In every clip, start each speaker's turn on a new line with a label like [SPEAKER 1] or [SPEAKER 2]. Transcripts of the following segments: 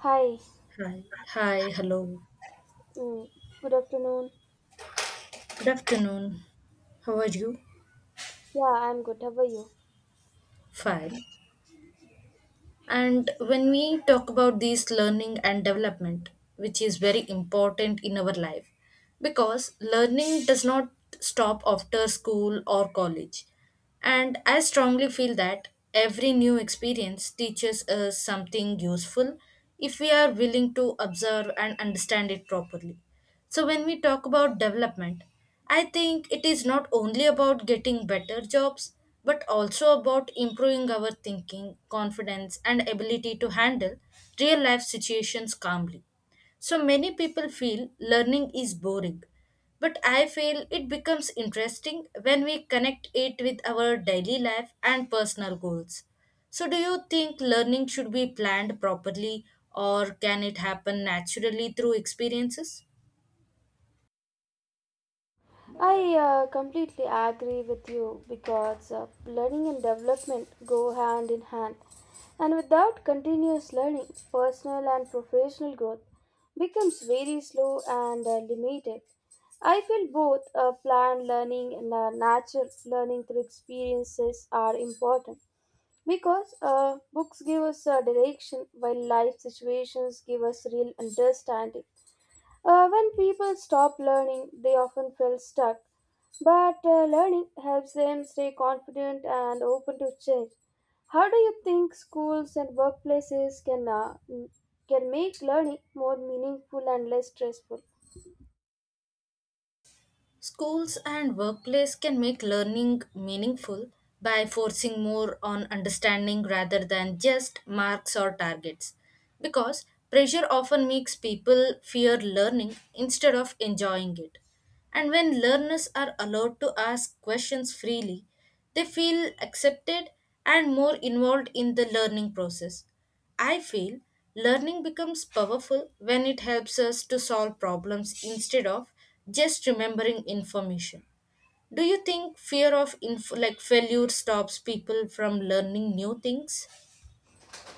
[SPEAKER 1] Hi,
[SPEAKER 2] Hi. Hi, hello.
[SPEAKER 1] mm, good afternoon.
[SPEAKER 2] Good afternoon. How are you?
[SPEAKER 1] Yeah, I'm good. How are you?
[SPEAKER 2] Fine. And when we talk about this learning and development, which is very important in our life, because learning does not stop after school or college. And I strongly feel that every new experience teaches us something useful if we are willing to observe and understand it properly. So, when we talk about development, I think it is not only about getting better jobs but also about improving our thinking, confidence, and ability to handle real life situations calmly. So many people feel learning is boring, but I feel it becomes interesting when we connect it with our daily life and personal goals. So, do you think learning should be planned properly or can it happen naturally through experiences?
[SPEAKER 1] I completely agree with you because learning and development go hand in hand. And without continuous learning, personal and professional growth becomes very slow and limited. I feel both planned learning and natural learning through experiences are important because books give us a direction while life situations give us real understanding. When people stop learning, they often feel stuck. But learning helps them stay confident and open to change. How do you think schools and workplaces can make learning more meaningful and less stressful?
[SPEAKER 2] Schools and workplace can make learning meaningful by forcing more on understanding rather than just marks or targets. Because pressure often makes people fear learning instead of enjoying it. And when learners are allowed to ask questions freely, they feel accepted and more involved in the learning process. I feel learning becomes powerful when it helps us to solve problems instead of just remembering information. Do you think fear of failure stops people from learning new things?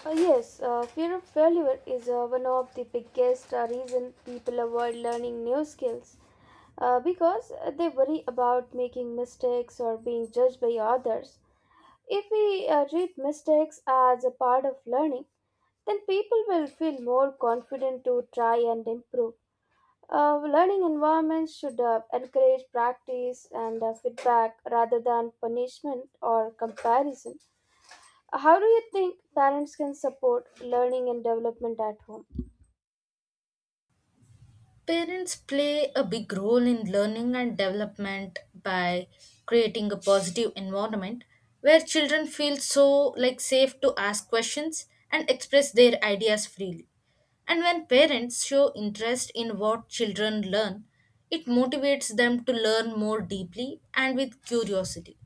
[SPEAKER 1] Yes, fear of failure is one of the biggest reason people avoid learning new skills because they worry about making mistakes or being judged by others. If we treat mistakes as a part of learning, then people will feel more confident to try and improve. Learning environments should encourage practice and feedback rather than punishment or comparison. How do you think parents can support learning and development at home?
[SPEAKER 2] Parents play a big role in learning and development by creating a positive environment where children feel so like safe to ask questions and express their ideas freely. And when parents show interest in what children learn, it motivates them to learn more deeply and with curiosity.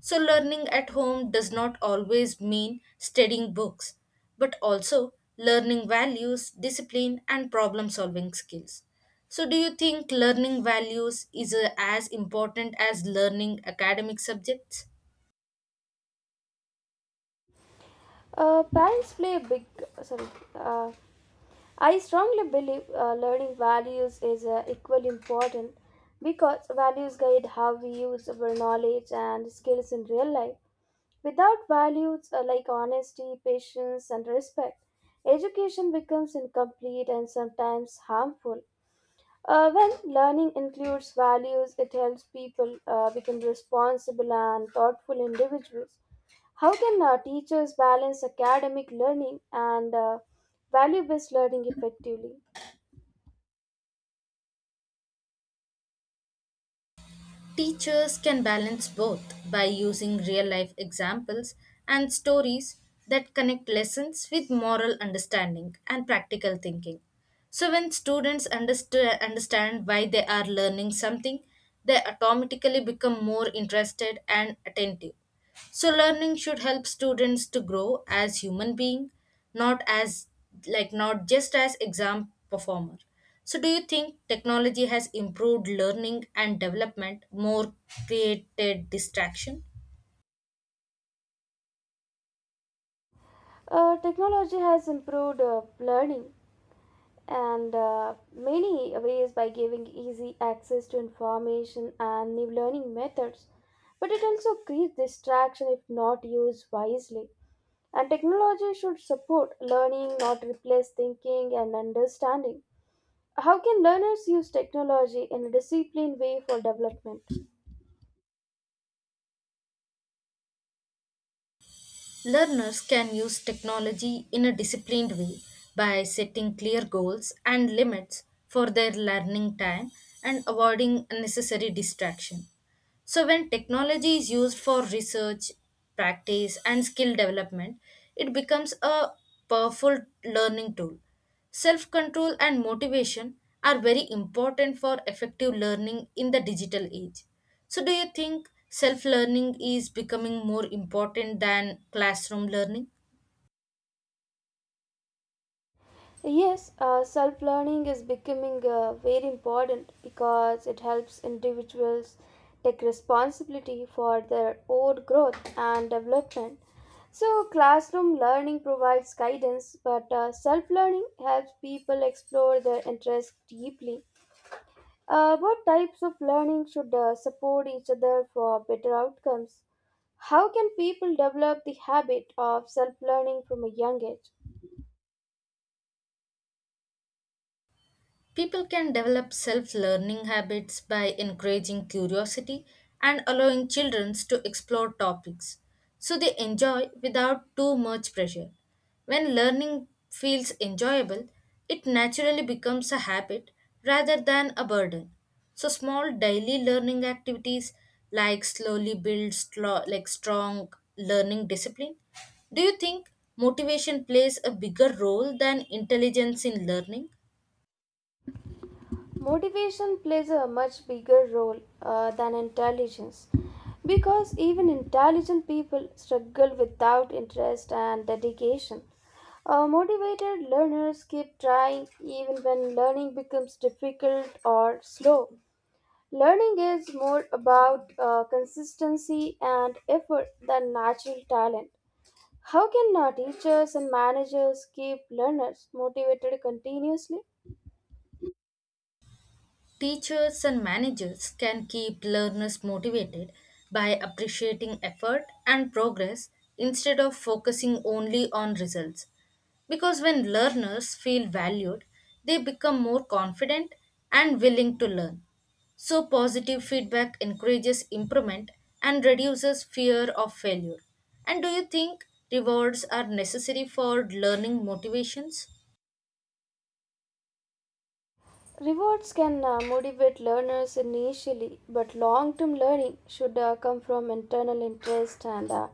[SPEAKER 2] So, learning at home does not always mean studying books, but also learning values, discipline, and problem solving skills. So, do you think learning values is as important as learning academic subjects?
[SPEAKER 1] Parents play a big sorry. Uh, I strongly believe learning values is equally important because values guide how we use our knowledge and skills in real life. Without values like honesty, patience, and respect, education becomes incomplete and sometimes harmful. When learning includes values, it helps people become responsible and thoughtful individuals. How can teachers balance academic learning and value based learning effectively?
[SPEAKER 2] Teachers can balance both by using real life examples and stories that connect lessons with moral understanding and practical thinking. So, when students understand why they are learning something, they automatically become more interested and attentive. So learning should help students to grow as human being, not as not just as exam performer. So do you think technology has improved learning and development more created distraction?
[SPEAKER 1] Technology has improved learning and many ways by giving easy access to information and new learning methods. But it also creates distraction if not used wisely. And technology should support learning, not replace thinking and understanding. How can learners use technology in a disciplined way for development?
[SPEAKER 2] Learners can use technology in a disciplined way by setting clear goals and limits for their learning time and avoiding unnecessary distraction. So, when technology is used for research, practice, and skill development, it becomes a powerful learning tool. Self control and motivation are very important for effective learning in the digital age. So, do you think self learning is becoming more important than classroom learning?
[SPEAKER 1] Yes, self learning is becoming very important because it helps individuals take responsibility for their own growth and development. So, classroom learning provides guidance, but self learning helps people explore their interests deeply. What types of learning should support each other for better outcomes? How can people develop the habit of self learning from a young age?
[SPEAKER 2] People can develop self learning habits by encouraging curiosity and allowing children to explore topics so they enjoy without too much pressure. When learning feels enjoyable, it naturally becomes a habit rather than a burden. So small daily learning activities like slowly build strong learning discipline. Do you think motivation plays a bigger role than intelligence in learning?
[SPEAKER 1] Motivation plays a much bigger role than intelligence because even intelligent people struggle without interest and dedication. Motivated learners keep trying even when learning becomes difficult or slow. Learning is more about consistency and effort than natural talent. How can teachers and managers keep learners motivated continuously?
[SPEAKER 2] Teachers and managers can keep learners motivated by appreciating effort and progress instead of focusing only on results. Because when learners feel valued, they become more confident and willing to learn. So, positive feedback encourages improvement and reduces fear of failure. And do you think rewards are necessary for learning motivations?
[SPEAKER 1] Rewards can motivate learners initially, but long term learning should come from internal interest and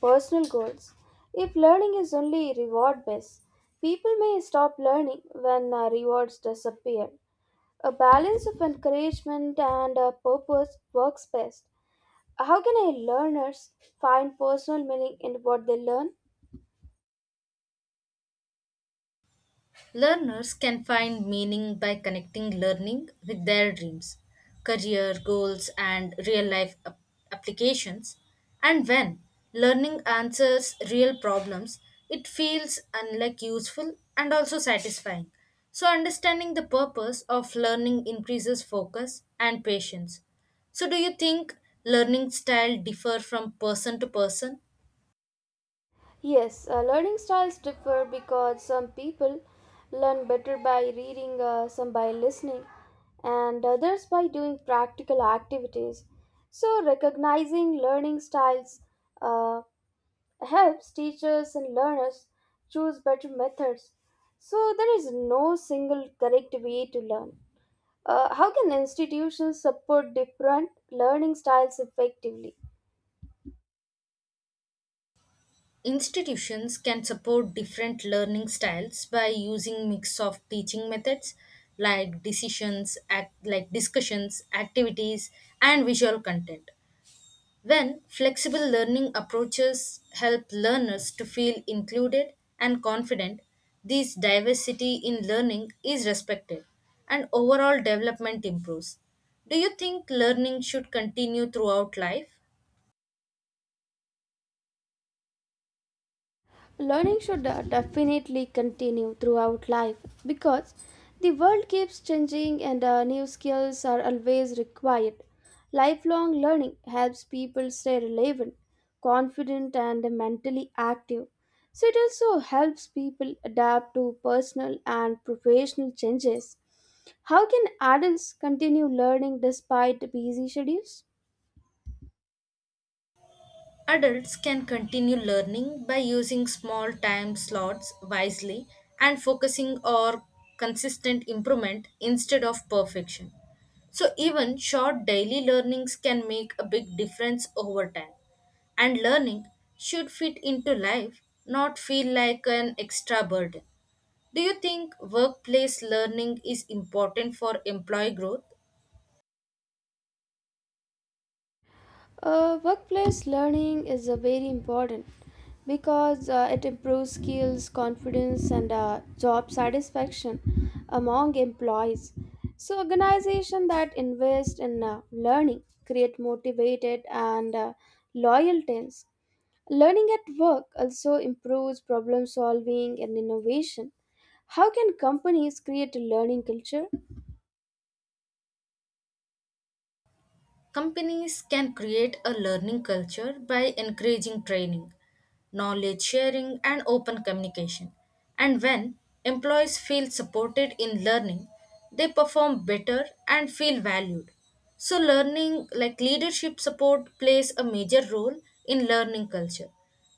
[SPEAKER 1] personal goals. If learning is only reward based, people may stop learning when rewards disappear. A balance of encouragement and purpose works best. How can a learners find personal meaning in what they learn?
[SPEAKER 2] Learners can find meaning by connecting learning with their dreams, career goals, and real life applications. And when learning answers real problems, it feels unlike useful and also satisfying. So, understanding the purpose of learning increases focus and patience. So, do you think learning style differ from person to person?
[SPEAKER 1] Yes, learning styles differ because some people learn better by reading, some by listening, and others by doing practical activities. So, recognizing learning styles uh, helps teachers and learners choose better methods. So, there is no single correct way to learn. How can institutions support different learning styles effectively?
[SPEAKER 2] Institutions can support different learning styles by using mix of teaching methods like discussions, activities, and visual content. When flexible learning approaches help learners to feel included and confident, this diversity in learning is respected and overall development improves. Do you think learning should continue throughout life?
[SPEAKER 1] Learning should definitely continue throughout life because the world keeps changing and new skills are always required. Lifelong learning helps people stay relevant, confident, and mentally active. So, it also helps people adapt to personal and professional changes. How can adults continue learning despite busy schedules?
[SPEAKER 2] Adults can continue learning by using small time slots wisely and focusing on consistent improvement instead of perfection. So, even short daily learnings can make a big difference over time. And learning should fit into life, not feel like an extra burden. Do you think workplace learning is important for employee growth?
[SPEAKER 1] Workplace learning is very important because it improves skills, confidence, and job satisfaction among employees. So, organizations that invest in learning create motivated and loyal teams. Learning at work also improves problem solving and innovation. How can companies create a learning culture?
[SPEAKER 2] Companies can create a learning culture by encouraging training, knowledge sharing, and open communication. And when employees feel supported in learning, they perform better and feel valued. So, learning like leadership support plays a major role in learning culture.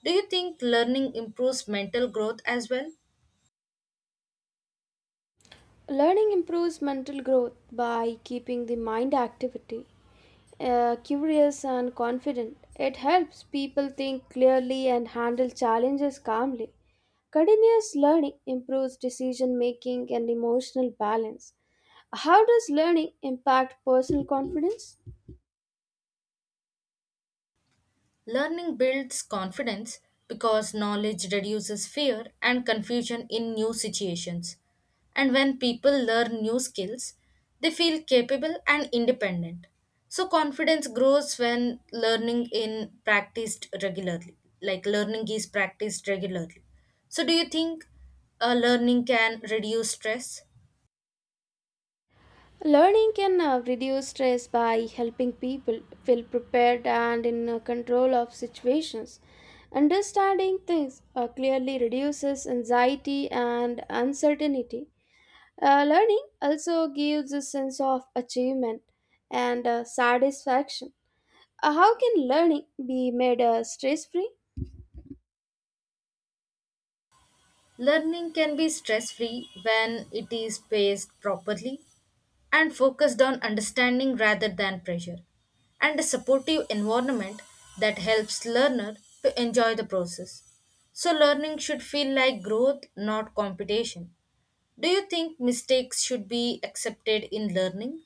[SPEAKER 2] Do you think learning improves mental growth as well?
[SPEAKER 1] Learning improves mental growth by keeping the mind activity, curious and confident. It helps people think clearly and handle challenges calmly. Continuous learning improves decision making and emotional balance. How does learning impact personal confidence?
[SPEAKER 2] Learning builds confidence because knowledge reduces fear and confusion in new situations. And when people learn new skills, they feel capable and independent. So, confidence grows when learning is practiced regularly. So, do you think learning can reduce stress?
[SPEAKER 1] Learning can reduce stress by helping people feel prepared and in control of situations. Understanding things clearly reduces anxiety and uncertainty. Learning also gives a sense of achievement and satisfaction. How can learning be made stress free?
[SPEAKER 2] Learning can be stress free when it is paced properly and focused on understanding rather than pressure, and a supportive environment that helps learner to enjoy the process. So learning should feel like growth, not competition. Do you think mistakes should be accepted in learning?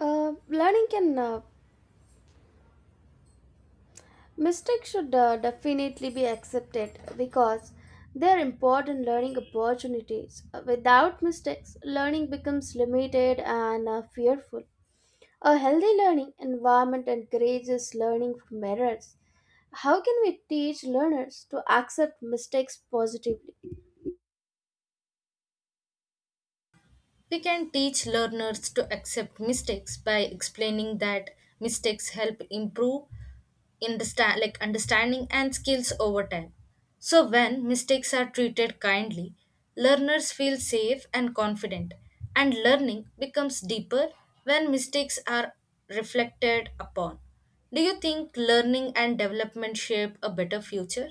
[SPEAKER 1] Learning can Mistakes should definitely be accepted because they are important learning opportunities. Without mistakes, learning becomes limited and fearful. A healthy learning environment encourages learning from errors. How can we teach learners to accept mistakes positively?
[SPEAKER 2] We can teach learners to accept mistakes by explaining that mistakes help improve understanding and skills over time. So when mistakes are treated kindly, learners feel safe and confident and learning becomes deeper when mistakes are reflected upon. Do you think learning and development shape a better future?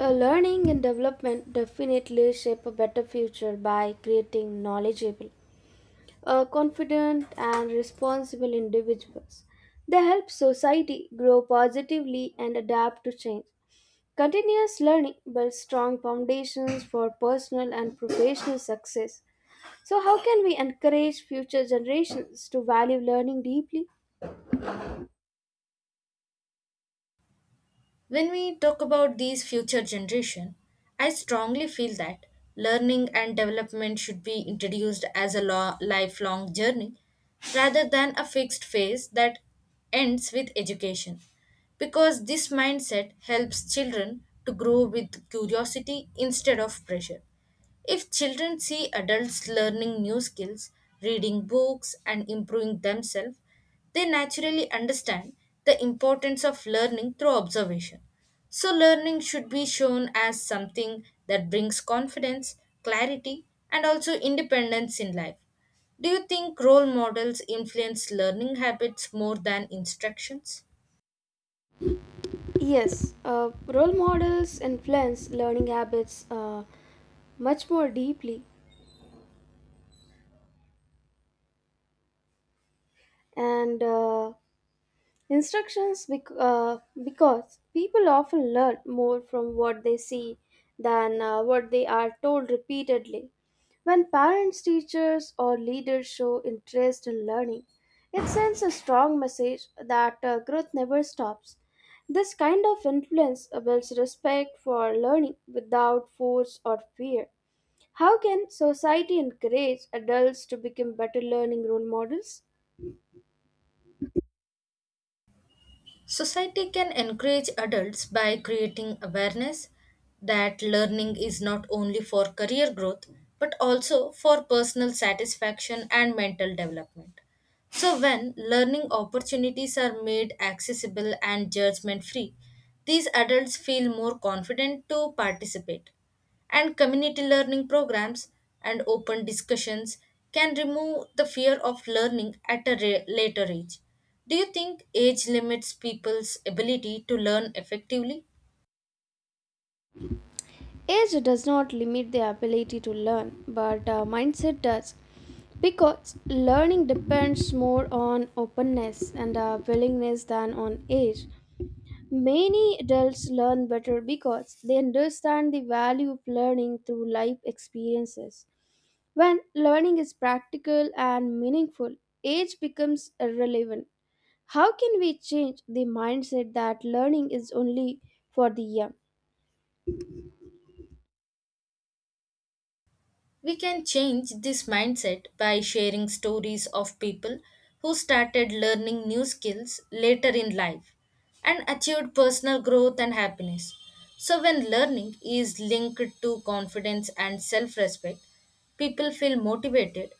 [SPEAKER 1] Learning and development definitely shape a better future by creating knowledgeable confident and responsible individuals. They help society grow positively and adapt to change. Continuous learning builds strong foundations for personal and professional success. So, how can we encourage future generations to value learning deeply?
[SPEAKER 2] When we talk about these future generation, I strongly feel that learning and development should be introduced as a lifelong journey rather than a fixed phase that ends with education because this mindset helps children to grow with curiosity instead of pressure if children see adults learning new skills, reading books, and improving themselves, they naturally understand the importance of learning through observation. So, learning should be shown as something that brings confidence, clarity, and also independence in life. Do you think role models influence learning habits more than instructions?
[SPEAKER 1] Yes, role models influence learning habits much more deeply, and uh, because people often learn more from what they see than what they are told repeatedly. When parents, teachers, or leaders show interest in learning, it sends a strong message that growth never stops. This kind of influence builds respect for learning without force or fear. How can society encourage adults to become better learning role models?
[SPEAKER 2] Society can encourage adults by creating awareness that learning is not only for career growth but also for personal satisfaction and mental development. So, when learning opportunities are made accessible and judgment free, these adults feel more confident to participate. And community learning programs and open discussions can remove the fear of learning at a later age. Do you think age limits people's ability to learn effectively?
[SPEAKER 1] Age does not limit the ability to learn, but mindset does. Because learning depends more on openness and willingness than on age. Many adults learn better because they understand the value of learning through life experiences. When learning is practical and meaningful, age becomes irrelevant. How can we change the mindset that learning is only for the young?
[SPEAKER 2] We can change this mindset by sharing stories of people who started learning new skills later in life and achieved personal growth and happiness. So, when learning is linked to confidence and self respect, people feel motivated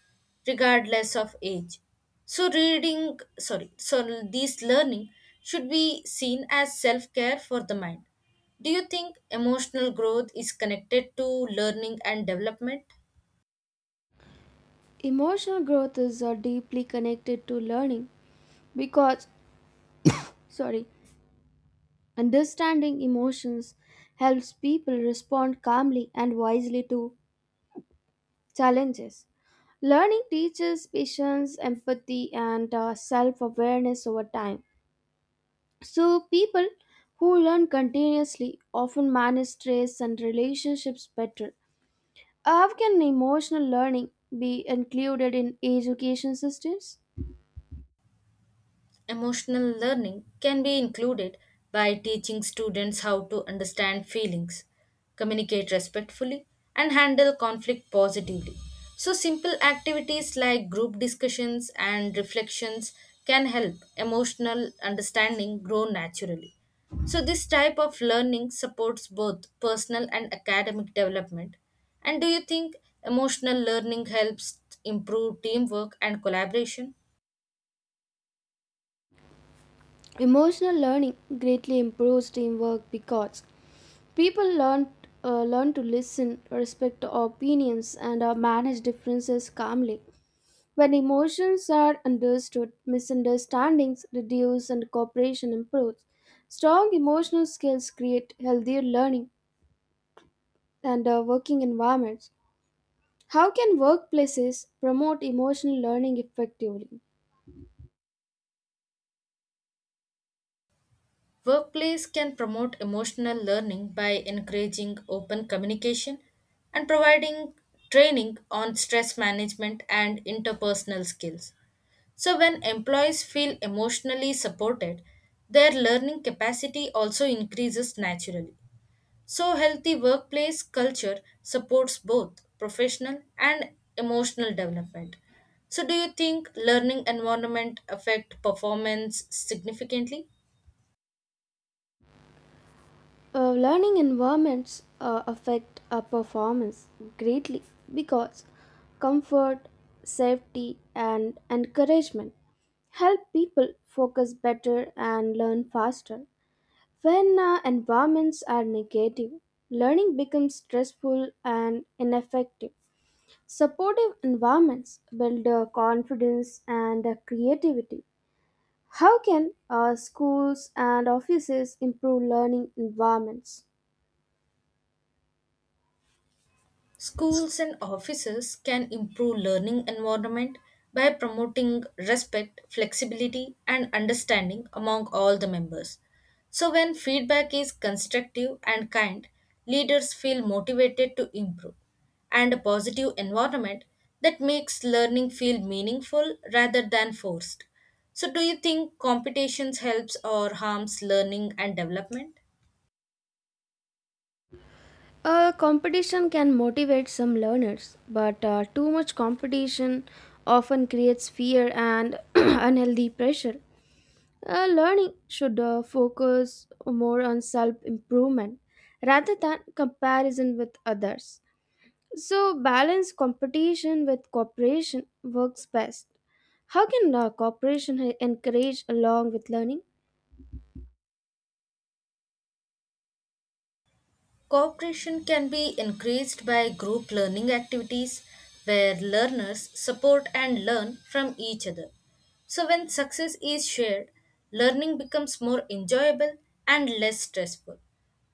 [SPEAKER 2] regardless of age. So, this learning should be seen as self care for the mind. Do you think emotional growth is connected to learning and development?
[SPEAKER 1] Emotional growth is deeply connected to learning because, sorry, understanding emotions helps people respond calmly and wisely to challenges. Learning teaches patience, empathy, and self awareness over time. So, people who learn continuously often manage stress and relationships better. How can emotional learning be included in education systems?
[SPEAKER 2] Emotional learning can be included by teaching students how to understand feelings, communicate respectfully, and handle conflict positively. So, simple activities like group discussions and reflections can help emotional understanding grow naturally. So, this type of learning supports both personal and academic development. And do you think emotional learning helps improve teamwork and collaboration?
[SPEAKER 1] Emotional learning greatly improves teamwork because people learn to listen, respect opinions, and manage differences calmly. When emotions are understood, misunderstandings reduce and cooperation improves. Strong emotional skills create healthier learning and working environments. How can workplaces promote emotional learning effectively?
[SPEAKER 2] Workplace can promote emotional learning by encouraging open communication and providing training on stress management and interpersonal skills. So, when employees feel emotionally supported, their learning capacity also increases naturally. So, healthy workplace culture supports both professional and emotional development. So, do you think learning environment affect performance significantly?
[SPEAKER 1] Learning environments affect our performance greatly because comfort, safety, and encouragement help people focus better and learn faster. When environments are negative, learning becomes stressful and ineffective. Supportive environments build confidence and creativity. How can schools and offices improve learning environments?
[SPEAKER 2] Schools and offices can improve learning environment by promoting respect, flexibility and understanding among all the members. So when feedback is constructive and kind, leaders feel motivated to improve and a positive environment that makes learning feel meaningful rather than forced. So do you think competitions helps or harms learning and development?
[SPEAKER 1] Competition can motivate some learners, but too much competition often creates fear and unhealthy pressure. Learning should focus more on self improvement rather than comparison with others. So, balance competition with cooperation works best. How can cooperation encourage along with learning?
[SPEAKER 2] Cooperation can be increased by group learning activities where learners support and learn from each other. So, when success is shared, learning becomes more enjoyable and less stressful.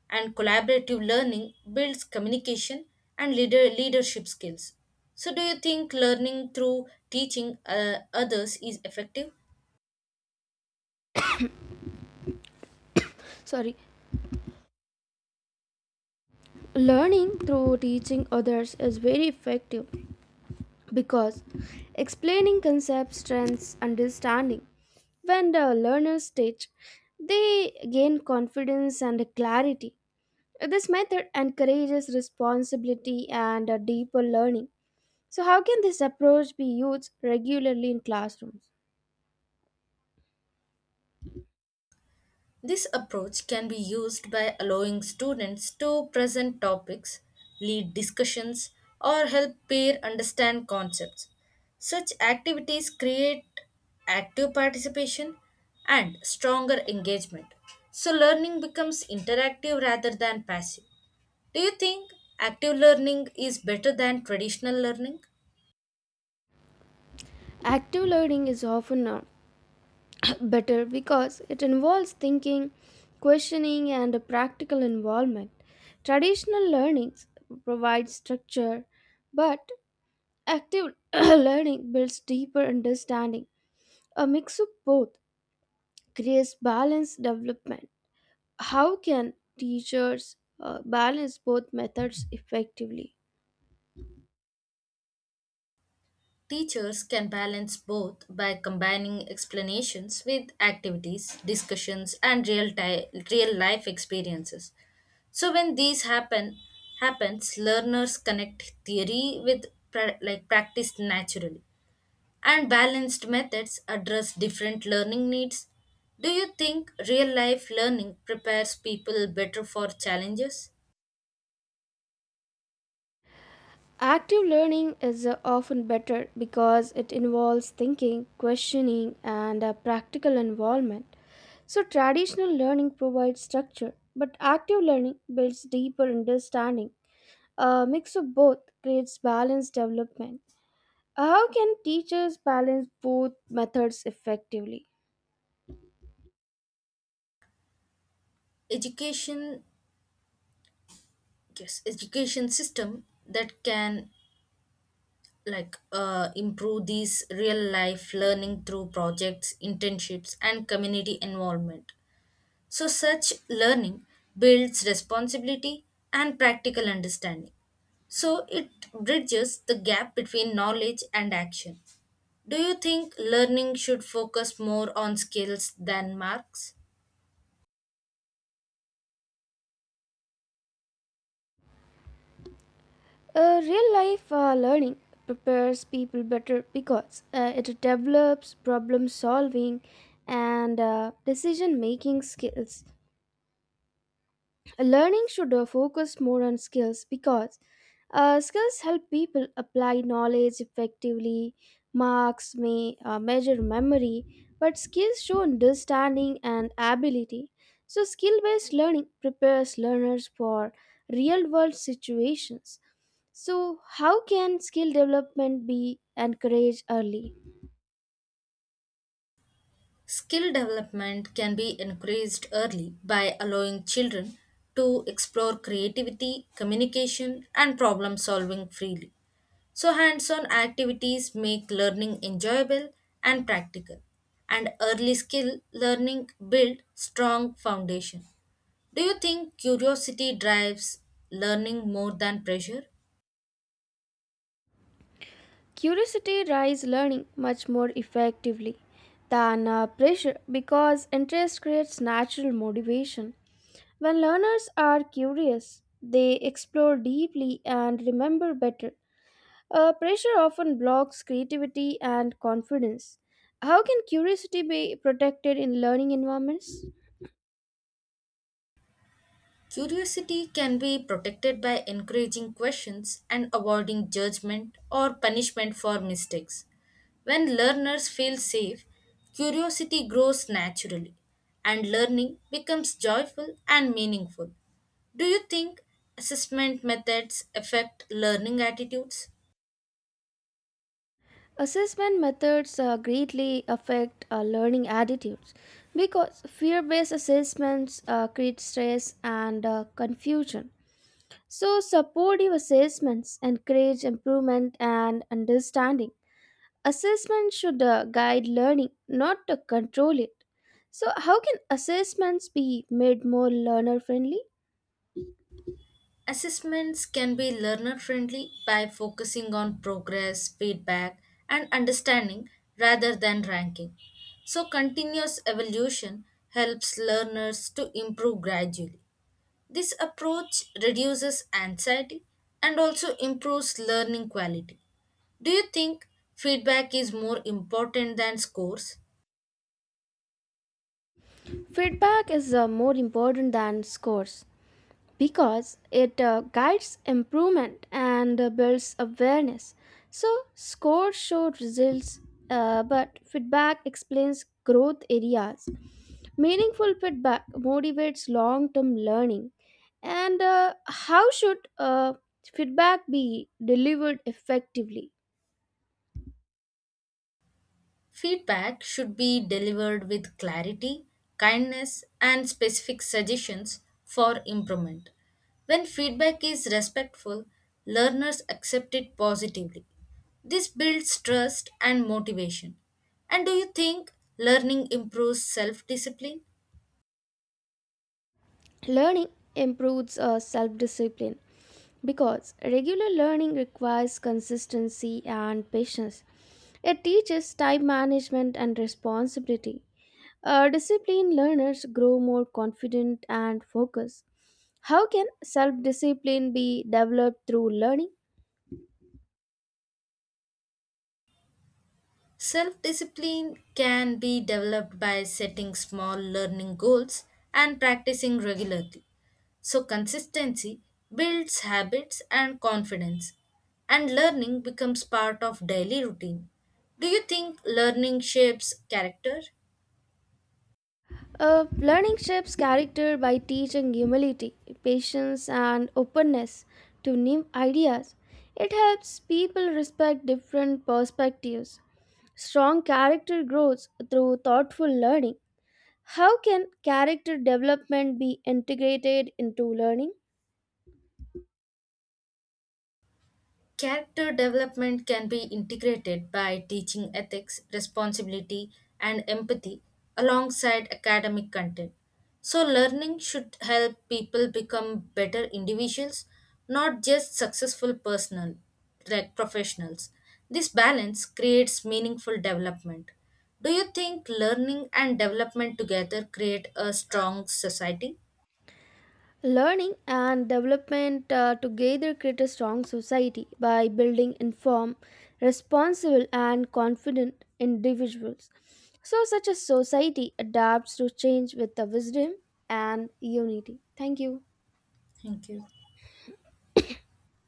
[SPEAKER 2] And collaborative learning builds communication and leadership skills. So, do you think learning through teaching others is effective?
[SPEAKER 1] Sorry, Learning through teaching others is very effective, because explaining concepts strengthens understanding. When the learners teach, they gain confidence and clarity. This method encourages responsibility and a deeper learning. So, how can this approach be used regularly in classrooms?
[SPEAKER 2] This approach can be used by allowing students to present topics, lead discussions, or help peer understand concepts. Such activities create active participation and stronger engagement. So, learning becomes interactive rather than passive. Do you think active learning is better than traditional learning?
[SPEAKER 1] Active learning is often better because it involves thinking, questioning, and a practical involvement. Traditional learnings provide structure, but active learning builds deeper understanding. A mix of both creates balanced development. How can teachers balance both methods effectively?
[SPEAKER 2] Teachers can balance both by combining explanations with activities, discussions, and real life experiences. So when happens, learners connect theory with practice naturally, and balanced methods address different learning needs. Do you think real life learning prepares people better for challenges?
[SPEAKER 1] Active learning is often better because it involves thinking, questioning, and a practical involvement. So, traditional learning provides structure, but active learning builds deeper understanding. A mix of both creates balanced development. How can teachers balance both methods effectively?
[SPEAKER 2] Education, yes, Education system that can improve these real life learning through projects internships and community involvement so such learning builds responsibility and practical understanding so it bridges the gap between knowledge and action do you think learning should focus more on skills than marks?
[SPEAKER 1] Real life learning prepares people better because it develops problem solving and decision making skills. Learning should focus more on skills because skills help people apply knowledge effectively. Marks may measure memory, but skills show understanding and ability. So skill based learning prepares learners for real world situations. So how can skill development be encouraged early?
[SPEAKER 2] Skill development can be increased early by allowing children to explore creativity, communication, and problem solving freely. So, hands on activities make learning enjoyable and practical, and early skill learning build strong foundation. Do you think curiosity drives learning more than pressure?
[SPEAKER 1] Curiosity drives learning much more effectively than pressure because interest creates natural motivation. When learners are curious, they explore deeply and remember better. Pressure often blocks creativity and confidence. How can curiosity be protected in learning environments?
[SPEAKER 2] Curiosity can be protected by encouraging questions and avoiding judgment or punishment for mistakes. When learners feel safe, curiosity grows naturally and learning becomes joyful and meaningful. Do you think assessment methods affect learning attitudes?
[SPEAKER 1] Assessment methods greatly affect learning attitudes because fear based assessments create stress and confusion. So, supportive assessments encourage improvement and understanding. Assessment should guide learning, not to control it. So, how can assessments be made more learner friendly?
[SPEAKER 2] Assessments can be learner friendly by focusing on progress, feedback, and understanding rather than ranking. So, continuous evolution helps learners to improve gradually. This approach reduces anxiety and also improves learning quality. Do you think feedback is more important than scores?
[SPEAKER 1] Feedback is more important than scores because it guides improvement and builds awareness. So, scores show results, but feedback explains growth areas. Meaningful feedback motivates long term learning. And how should feedback be delivered effectively?
[SPEAKER 2] Feedback should be delivered with clarity, kindness, and specific suggestions for improvement. When feedback is respectful, learners accept it positively. This builds trust and motivation. And do you think learning improves self discipline?
[SPEAKER 1] Learning improves self discipline because regular learning requires consistency and patience. It teaches time management and responsibility. Disciplined learners grow more confident and focused. How can self discipline be developed through learning?
[SPEAKER 2] Self discipline can be developed by setting small learning goals and practicing regularly. So, consistency builds habits and confidence, and learning becomes part of daily routine. Do you think learning shapes character?
[SPEAKER 1] Learning shapes character by teaching humility, patience, and openness to new ideas. It helps people respect different perspectives. Strong character grows through thoughtful learning. How can character development be integrated into learning?
[SPEAKER 2] Character development can be integrated by teaching ethics, responsibility, and empathy alongside academic content. So, learning should help people become better individuals, not just successful personal like professionals. This balance creates meaningful development. Do you think learning and development together create a strong society?
[SPEAKER 1] Learning and development together create a strong society by building informed, responsible, and confident individuals. So, such a society adapts to change with the wisdom and unity. Thank you.
[SPEAKER 2] Thank you.